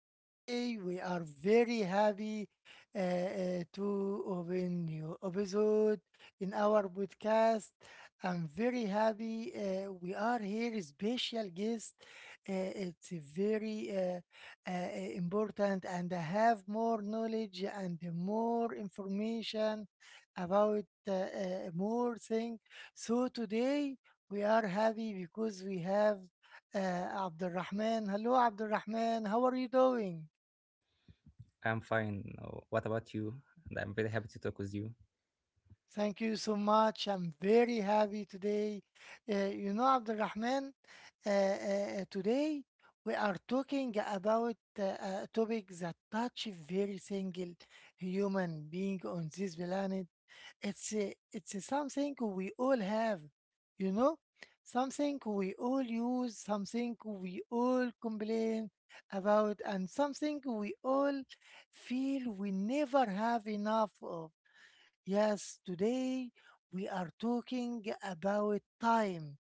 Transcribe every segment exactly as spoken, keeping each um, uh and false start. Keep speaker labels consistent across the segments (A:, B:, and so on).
A: Today we are very happy uh, uh, to open new episode in our podcast. I'm very happy. Uh, we are here, special guest. Uh, it's a very uh, uh, important, and I have more knowledge and more information about uh, uh, more thing. So today we are happy because we have uh, Abdurrahman. Hello, Abdurrahman. How are you doing?
B: I'm fine. Uh, What about you? And I'm very happy to talk with you.
A: Thank you so much. I'm very happy today. Uh, you know, Abdurrahman, uh, uh, today we are talking about uh, a topic that touches every single human being on this planet. It's a, it's a something we all have, you know something we all use, something we all complain about, and something we all feel we never have enough of. Yes, today we are talking about time.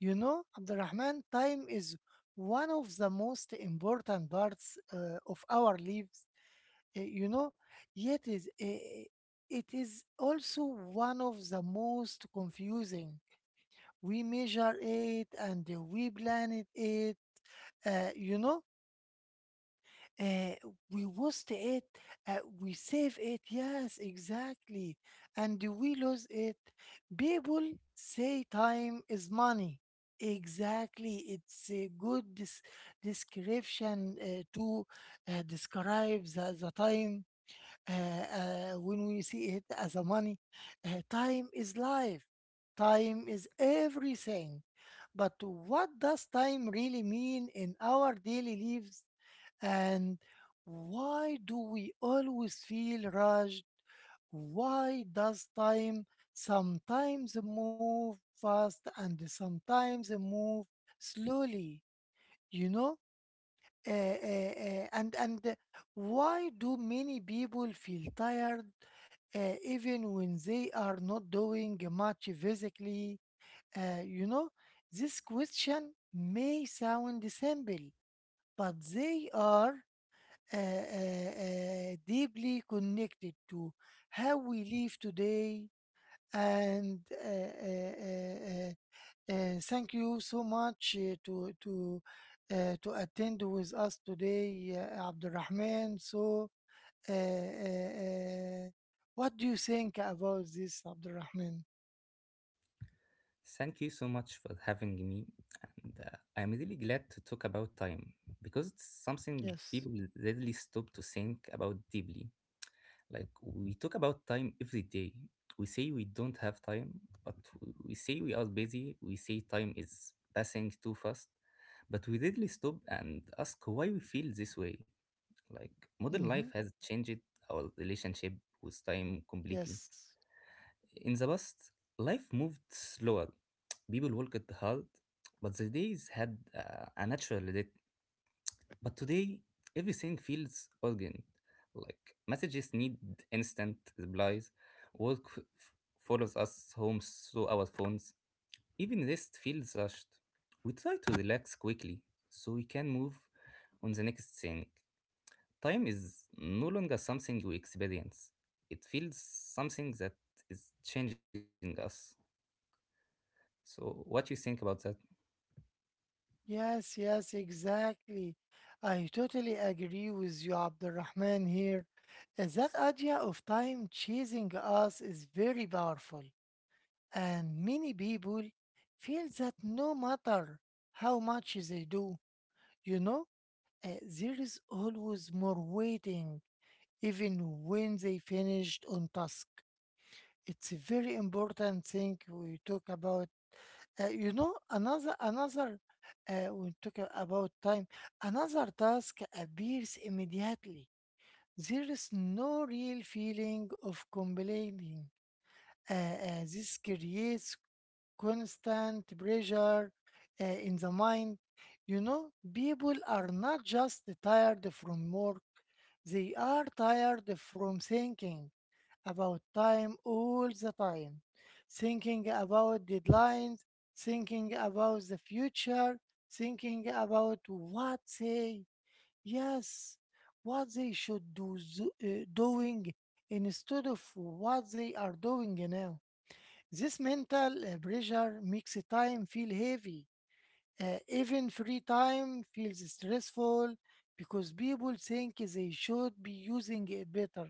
A: You know, Abdurrahman, time is one of the most important parts uh, of our lives. uh, you know, Yet is uh, it is also one of the most confusing. We measure it, and uh, we plan it. Uh, you know, uh, we waste it, uh, we save it. Yes, exactly, and we lose it. People say time is money. Exactly, it's a good des- description uh, to uh, describe the, the time uh, uh, when we see it as a money. Uh, time is life, time is everything. But what does time really mean in our daily lives? And why do we always feel rushed? Why does time sometimes move fast and sometimes move slowly? You know? Uh, uh, uh, and and why do many people feel tired uh, even when they are not doing much physically? Uh, you know, this question may sound simple, but they are uh, uh, uh, deeply connected to how we live today. And uh, uh, uh, uh, uh, thank you so much uh, to to uh, to attend with us today, uh, Abdulrahman. So, uh, uh, uh, what do you think about this, Abdurrahman?
B: Thank you so much for having me. And uh, I'm really glad to talk about time because it's something
A: Yes.
B: people rarely stop to think about deeply. Like, we talk about time every day. We say we don't have time, but we we say we are busy. We say time is passing too fast, but we rarely stop and ask why we feel this way. Like, Modern life
A: Mm-hmm.
B: has changed our relationship with time completely.
A: Yes.
B: In the past, life moved slower. People worked hard, but the days had uh, a natural rhythm. But today, everything feels urgent. Like messages need instant replies, work f- follows us home through our phones. Even rest feels rushed. We try to relax quickly so we can move on the next thing. Time is no longer something we experience. It feels something that is changing us. So, what you think about that?
A: Yes. Yes. Exactly. I totally agree with you, Abdurrahman. Here, Uh, that idea of time chasing us is very powerful, and many people feel that no matter how much they do. You know, uh, there is always more waiting, even when they finished on task. It's a very important thing we talk about. Uh, you know, another another uh, we talk about time. Another task appears immediately. There is no real feeling of complaining. Uh, uh, this creates constant pressure uh, in the mind. You know, people are not just tired from work, they are tired from thinking about time all the time, thinking about deadlines, thinking about the future, thinking about what they, yes, what they should do, zo- uh, doing instead of what they are doing now. This mental uh, pressure makes time feel heavy. Uh, even free time feels stressful because people think they should be using it better.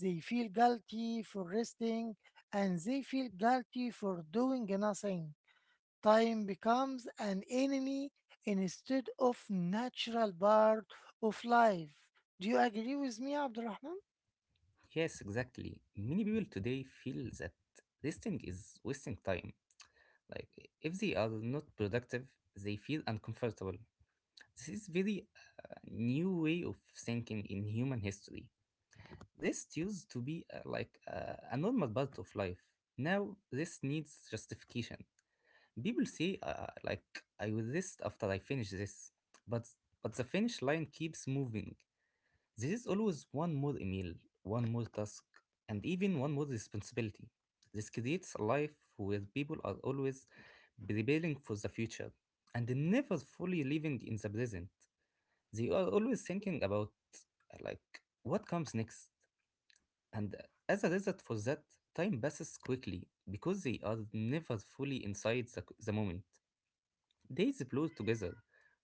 A: They feel guilty for resting, and they feel guilty for doing nothing. Time becomes an enemy instead of natural part of life. Do you agree with me, Abdurrahman?
B: Yes, exactly. Many people today feel that resting is wasting time. Like, if they are not productive, they feel uncomfortable. This is very uh, new way of thinking in human history. Rest used to be uh, like uh, a normal part of life. Now, this needs justification. People say, uh, like, I will rest after I finish this, but but the finish line keeps moving. This is always one more email, one more task, and even one more responsibility. This creates a life where people are always preparing for the future and never fully living in the present. They are always thinking about uh, like what comes next, and as a result for that, time passes quickly because they are never fully inside the, the moment. Days blur together,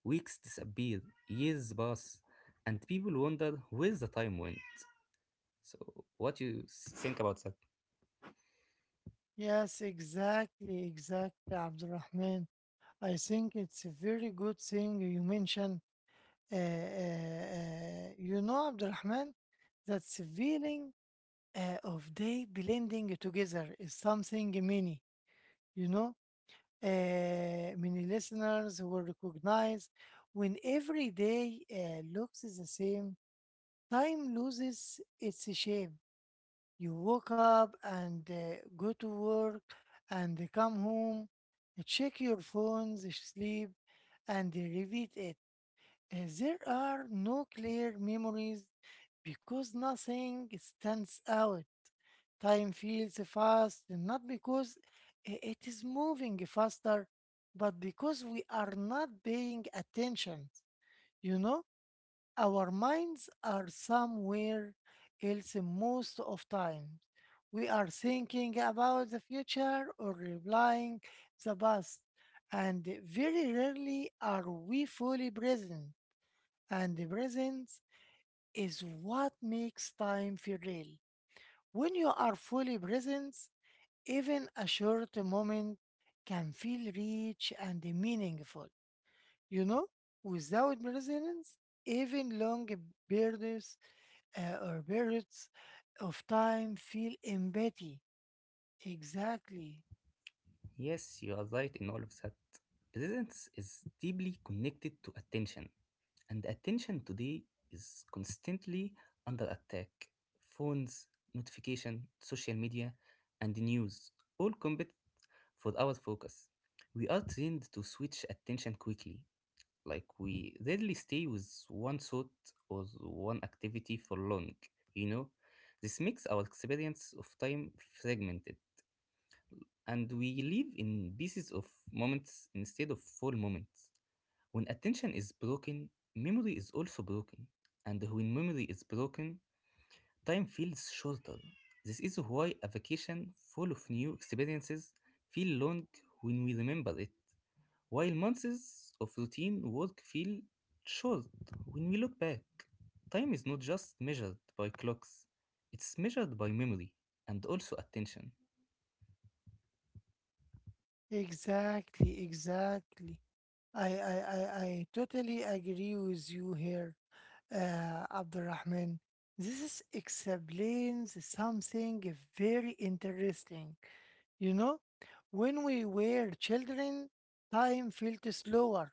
B: weeks disappear, years pass, and people wonder where the time went. So, what you s- think about that?
A: Yes, exactly, exactly, Abdurrahman. I think it's a very good thing you mentioned. Uh, uh, uh, you know, Abdulrahman, that the feeling uh, of they blending together is something many, you know, uh, many listeners will recognize. When every day uh, looks the same, time loses its shape. You wake up and uh, go to work and come home, check your phones, sleep, and repeat it. Uh, there are no clear memories because nothing stands out. Time feels fast, not because i- it is moving faster, but because we are not paying attention. You know, our minds are somewhere else most of time. We are thinking about the future or replying the past, and very rarely are we fully present, and the present is what makes time feel real. When you are fully present, even a short moment can feel rich and meaningful. You know, without presence, even long periods uh, or periods of time feel empty. Exactly,
B: Yes, you are right in all of that. Presence is deeply connected to attention, and attention today is constantly under attack. Phones, notification, social media, and news all compete for our focus. We are trained to switch attention quickly, like we rarely stay with one thought or one activity for long, you know? This makes our experience of time fragmented and we live in pieces of moments instead of full moments. When attention is broken, memory is also broken, and when memory is broken, time feels shorter. This is why a vacation full of new experiences feel long when we remember it, while months of routine work feel short when we look back. Time is not just measured by clocks, it's measured by memory and also attention.
A: exactly, exactly. I, I, I, I totally agree with you here. uh, Abdurrahman. This is explains something very interesting. You know, when we were children, time felt slower,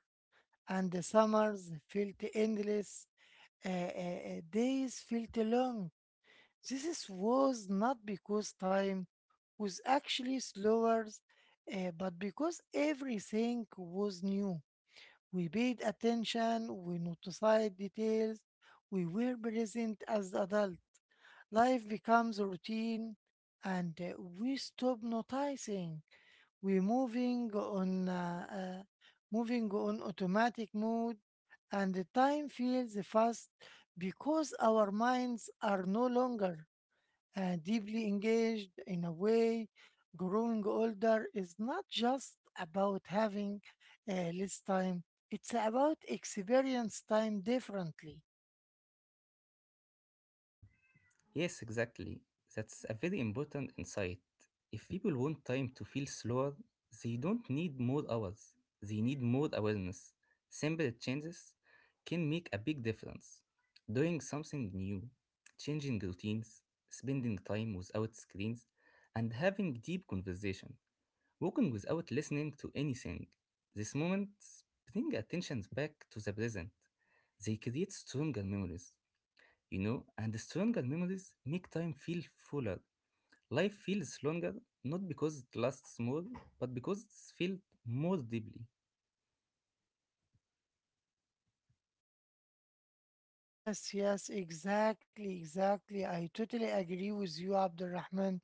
A: and the summers felt endless, uh, uh, uh, days felt long. This is- was not because time was actually slower, uh, but because everything was new. We paid attention, we noticed details, we were present as adults. Life becomes routine, and uh, we stop noticing. We're moving on, uh, uh, moving on automatic mode, and the time feels fast because our minds are no longer uh, deeply engaged in a way. Growing older is not just about having uh, less time, it's about experience time differently.
B: Yes, exactly. That's a very important insight. If people want time to feel slower, they don't need more hours. They need more awareness. Simple changes can make a big difference. Doing something new, changing routines, spending time without screens, and having deep conversation, walking without listening to anything. These moments bring attention back to the present. They create stronger memories, you know, and stronger memories make time feel fuller. Life feels longer, not because it lasts more, but because it's felt more deeply.
A: Yes, yes, exactly, exactly. I totally agree with you, Abdurrahman.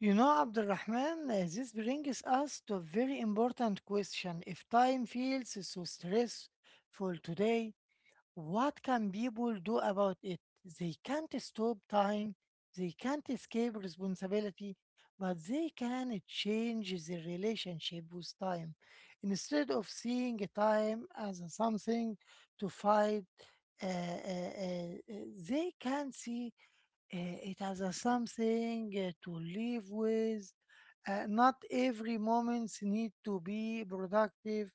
A: You know, Abdurrahman, uh, this brings us to a very important question. If time feels so stressful today, what can people do about it? They can't stop time, they can't escape responsibility, but they can change their relationship with time. Instead of seeing time as a something to fight, uh, uh, uh, uh, they can see uh, it as a something uh, to live with. Uh, not every moment need to be productive.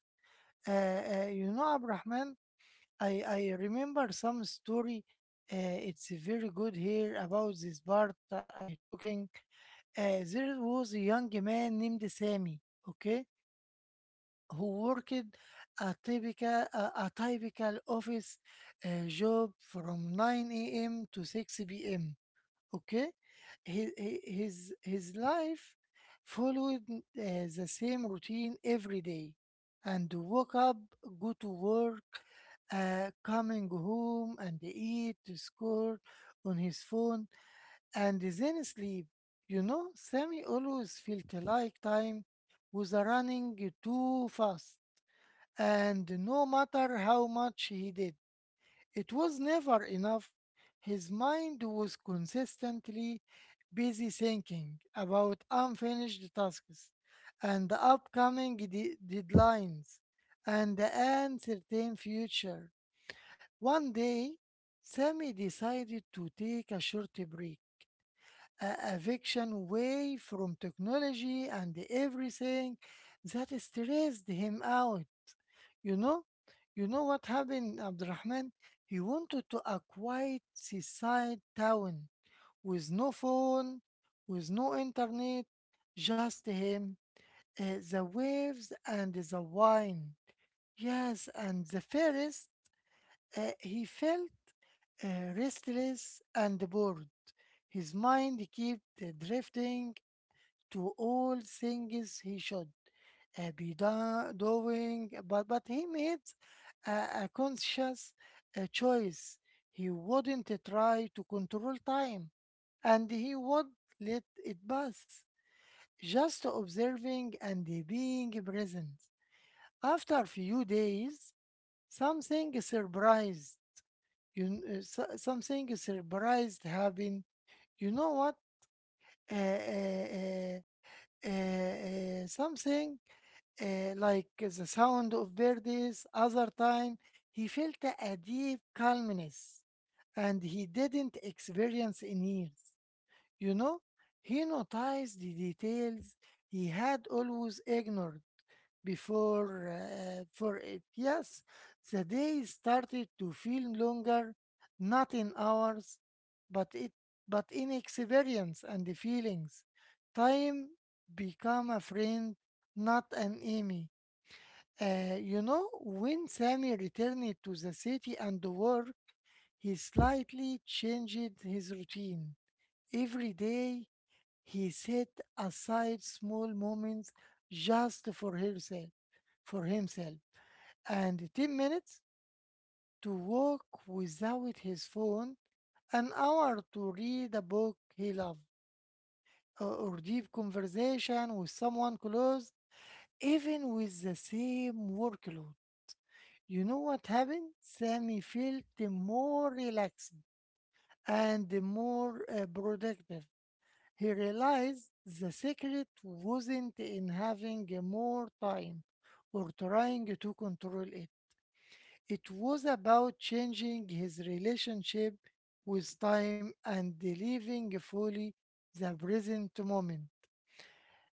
A: Uh, uh, you know, Abrahman, I I remember some story. Uh, it's very good here about this part that I talking. Uh, there was a young man named Sammy. Okay, who worked a typical a, a typical office uh, job from nine a m to six p m. Okay? His, his, his life followed uh, the same routine every day, and woke up, go to work, uh, coming home and eat, score on his phone, and then sleep. You know, Sammy always felt like time was running too fast, and no matter how much he did, it was never enough. His mind was consistently busy thinking about unfinished tasks, and the upcoming de- deadlines, and the uncertain future. One day, Sammy decided to take a short break, a eviction away from technology and everything that stressed him out. You know, you know what happened, Abdurrahman? He wanted to a quiet seaside town with no phone, with no internet, just him, uh, the waves and the wine. Yes, and the forest. Uh, he felt uh, restless and bored. His mind kept uh, drifting to all things he should uh, be do- doing, but, but he made a, a conscious uh, choice. He wouldn't try to control time, and he would let it pass, just observing and being present. After a few days, something surprised you. kn- uh, so- something surprised happened. You know what? Uh, uh, uh, uh, uh, something uh, like eh, the sound of birds. Other time, he felt a deep calmness, and he didn't experience in years. You know, he noticed the details he had always ignored before. Uh, for it, yes, the day started to feel longer, not in hours, but it but in experience and the feelings. Time become a friend, not an enemy. Uh, you know, when Sammy returned to the city and work, he slightly changed his routine. Every day, he set aside small moments just for herself, for himself, and ten minutes to walk without his phone, an hour to read a book he loved, or or deep conversation with someone close, even with the same workload. You know what happened? Sammy felt more relaxed and more uh, productive. He realized the secret wasn't in having more time or trying to control it. It was about changing his relationship with time and living fully the present moment.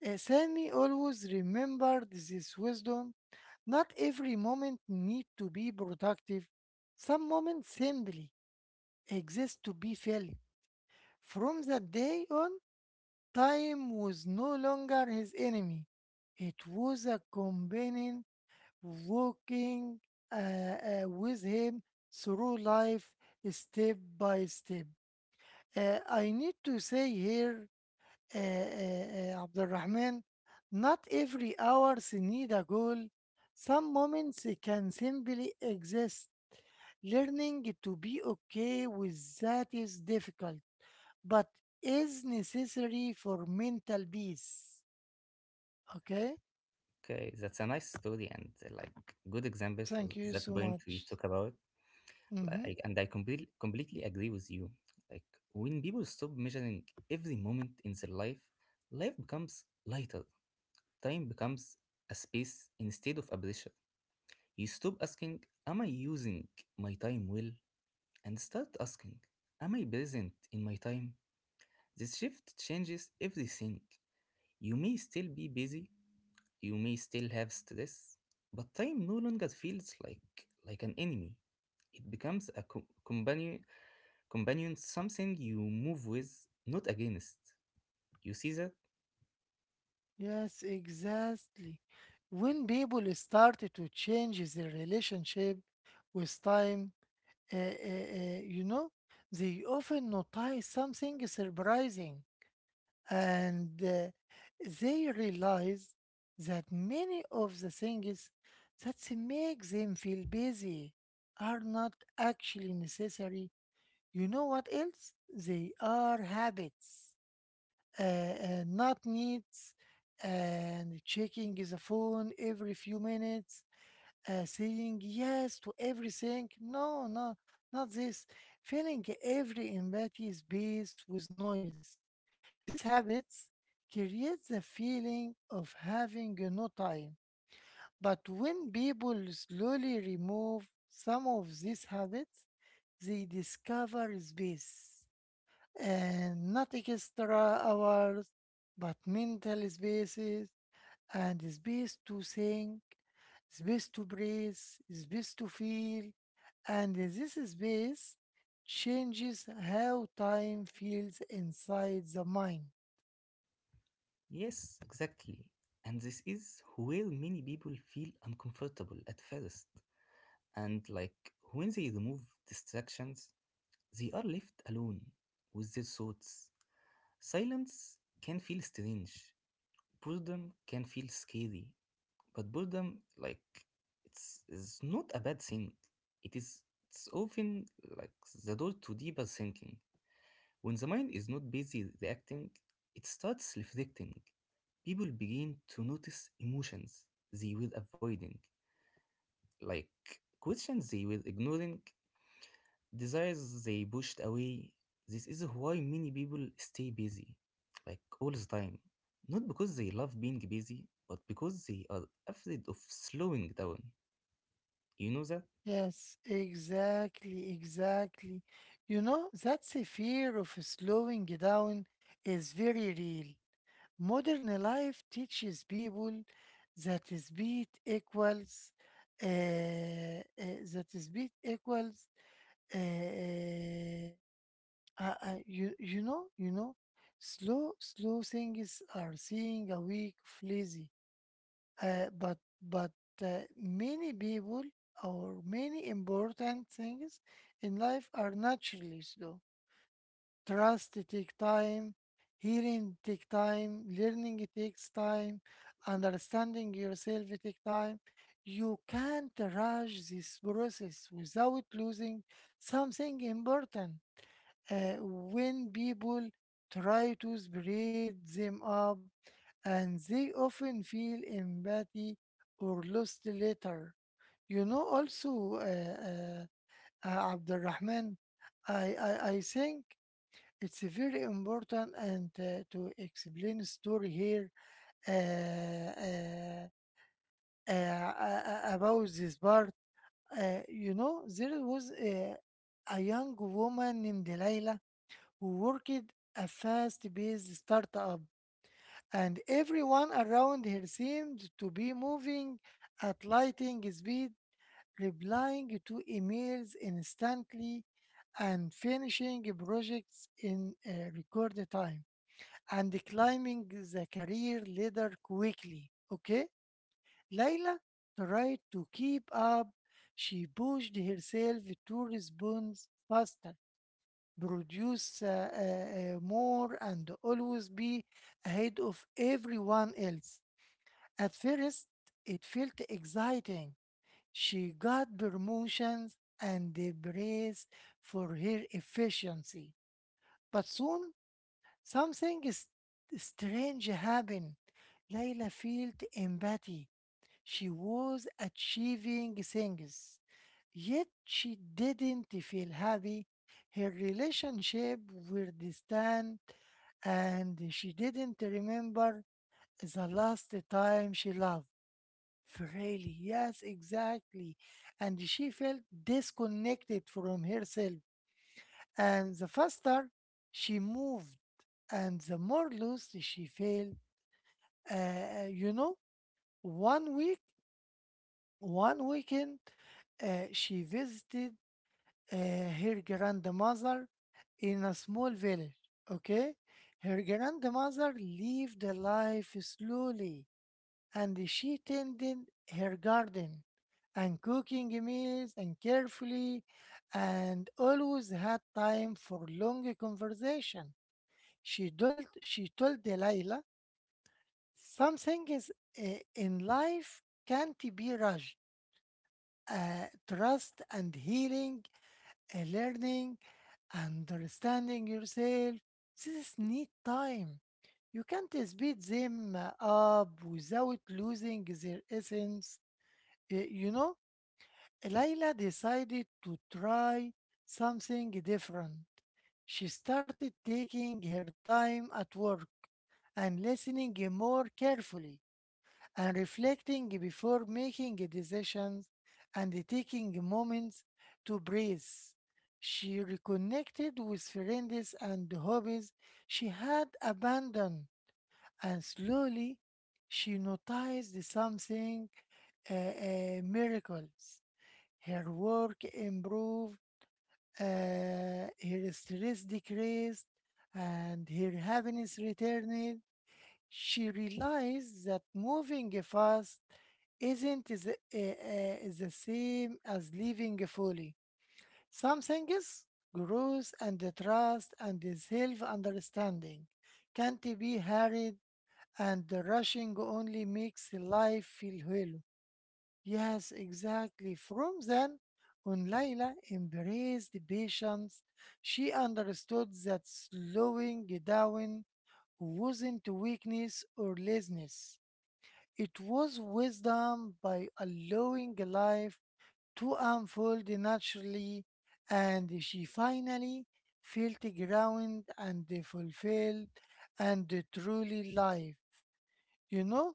A: Uh, Sammy always remembered this wisdom: not every moment need to be productive. Some moments simply exist to be filled. From that day on, time was no longer his enemy. It was a companion walking uh, uh, with him through life step by step. Uh, I need to say here uh, uh, Abdurrahman, not every hours need a goal. Some moments can simply exist. Learning to be okay with that is difficult, but is necessary for mental peace. Okay?
B: Okay, that's a nice story and uh, like good example for
A: Thank you
B: that
A: so
B: point we
A: much.
B: talk about.
A: Hmm.
B: Like, and I completely completely agree with you. Like, when people stop measuring every moment in their life, life becomes lighter. Time becomes a space instead of a pressure. You stop asking, "Am I using my time well?" and start asking, "Am I present in my time?" This shift changes everything. You may still be busy, you may still have stress, but time no longer feels like like an enemy. It becomes a co- companion, companion, something you move with, not against. You see that?
A: Yes, exactly. When people start to change their relationship with time, uh, uh, uh, you know, they often notice something surprising, and uh, they realize that many of the things that make them feel busy are not actually necessary. You know what else? They are habits, uh, uh, not needs. And checking the phone every few minutes, uh, saying yes to everything. No, no, not this. Filling every empty space with noise. These habits create the feeling of having no time. But when people slowly remove some of these habits, they discover space, and not extra hours, but mental spaces, and space to think, space to breathe, space to feel, and this space changes how time feels inside the mind.
B: Yes, exactly. And this is where many people feel uncomfortable at first. And like, when they remove distractions, they are left alone with their thoughts. Silence can feel strange. Boredom can feel scary. But boredom, like, it's, is not a bad thing. It is it's often like the door to deeper thinking. When the mind is not busy reacting, it starts reflecting. People begin to notice emotions they were avoiding, like questions they were ignoring, desires they pushed away. This is why many people stay busy, like all the time. Not because they love being busy, but because they are afraid of slowing down. You know that?
A: Yes, exactly, exactly. You know, that's a fear of slowing down is very real. Modern life teaches people that speed equals uh, uh, that speed equals uh, Uh, uh, you you know you know, slow slow things are seeing a week of lazy. Uh, but but uh, many people or many important things in life are naturally slow. Trust take time, healing take time, learning it takes time, understanding yourself it take time. You can't rush this process without losing something important uh, when people try to spread them up and they often feel empathy or lost later. You know, also, uh, uh, uh, Abdurrahman, I, I, I think it's very important and uh, to explain story here uh, uh, uh, uh, about this part. Uh, you know, there was a, a young woman named Delilah who worked a fast paced startup, and everyone around her seemed to be moving at lightning speed, replying to emails instantly and finishing projects in a record time and climbing the career ladder quickly. Okay? Layla tried to keep up. She pushed herself to respond faster produce uh, uh, uh, more and always be ahead of everyone else. At first, it felt exciting. She got promotions and the praise for her efficiency. But soon, something is- strange happened. Layla felt empathy. She was achieving things, yet she didn't feel happy. Her relationship were distant, and she didn't remember the last time she loved. Really, yes, exactly. And she felt disconnected from herself. And the faster she moved, and the more lost she felt. Uh, you know, one week One weekend, uh, she visited uh, her grandmother in a small village. Okay, her grandmother lived a life slowly, and she tended her garden and cooking meals and carefully, and always had time for long conversation. She told she told Delilah, "Some things uh, in life can't be rushed." Uh, trust and healing, uh, learning, understanding yourself. This need time. You can't speed them uh, up without losing their essence. Uh, You know, Layla decided to try something different. She started taking her time at work and listening more carefully and reflecting before making decisions and taking moments to breathe. She reconnected with friends and hobbies she had abandoned, and slowly she noticed something uh, uh, miracles. Her work improved, uh, her stress decreased, and her happiness returned. She realized that moving fast isn't the, uh, uh, the same as living fully. Some things, growth and the trust and the self understanding, can't be hurried, and the rushing only makes life feel hollow. Yes, exactly. From then on, Layla embraced the patience. She understood that slowing down wasn't weakness or laziness. It was wisdom by allowing life to unfold naturally, and she finally felt grounded and fulfilled and truly live. You know,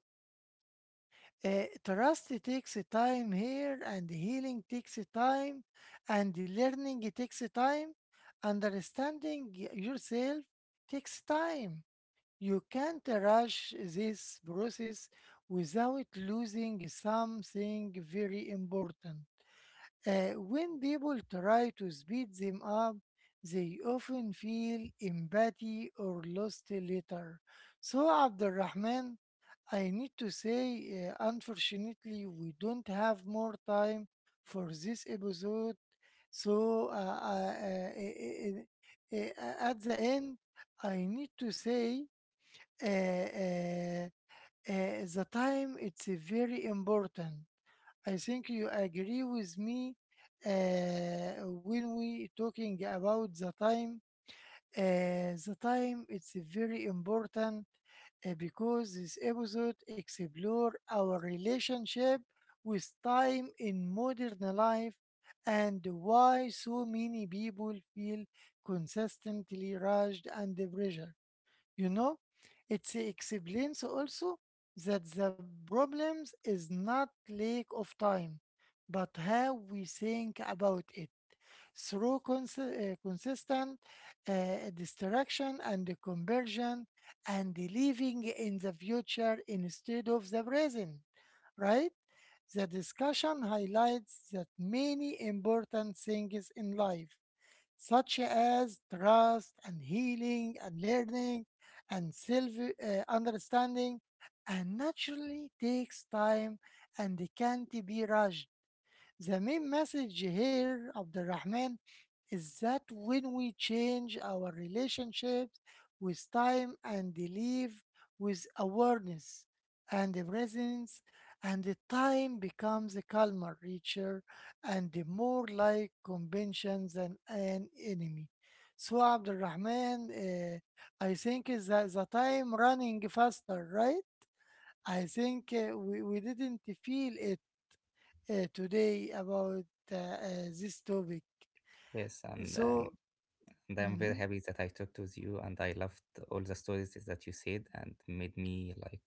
A: uh, Trust takes time here, and healing takes time, and learning takes time, understanding yourself takes time. You can't rush this process without losing something very important. Uh, when people try to speed them up, they often feel empathy or lost later. So, Abdurrahman, I need to say, uh, unfortunately, we don't have more time for this episode. So, uh, uh, uh, uh, uh, uh, uh, at the end, I need to say uh, uh, uh, the time it's uh, very important. I think you agree with me uh, when we talking about the time. Uh, the time it's very important uh, because this episode explore our relationship with time in modern life and why so many people feel consistently rushed and pressured, you know. It explains also that the problems is not lack of time but how we think about it through cons- uh, consistent uh, distraction and the conversion and the living in the future instead of the present, right? The discussion highlights that many important things in life, such as trust and healing and learning and self uh, understanding, and naturally takes time and can't be rushed. The main message here, Abdurrahman, is that when we change our relationships with time and live with awareness and presence, and the time becomes calmer, richer, and more like convention than an enemy. So, Abdurrahman, uh, I think is that the time running faster, right? I think uh, we, we didn't feel it uh, today about uh, uh, this topic.
B: Yes, and um,
A: So,
B: and I'm very
A: mhm,
B: happy that I talked with you, and I loved all the stories that you said, and made me like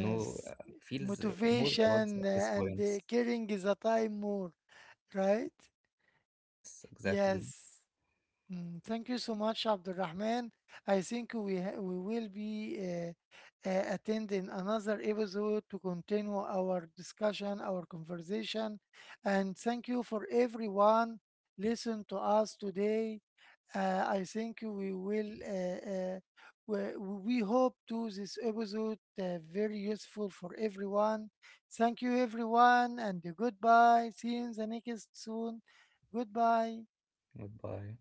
B: know uh, feels uh, more about th-
A: motivation
B: this
A: uh, and
B: points.
A: uh, caring is a time more, right?
B: Yes, exactly.
A: Yes. Mm, thank you so much, Abdulrahman. I think we ha- we will be uh, uh, attending another episode to continue our discussion, our conversation, and thank you for everyone listen to us today. Uh, I think we will. Uh, uh, we, we hope to this episode uh, very useful for everyone. Thank you, everyone, and goodbye. See you in the next soon. Goodbye.
B: Goodbye.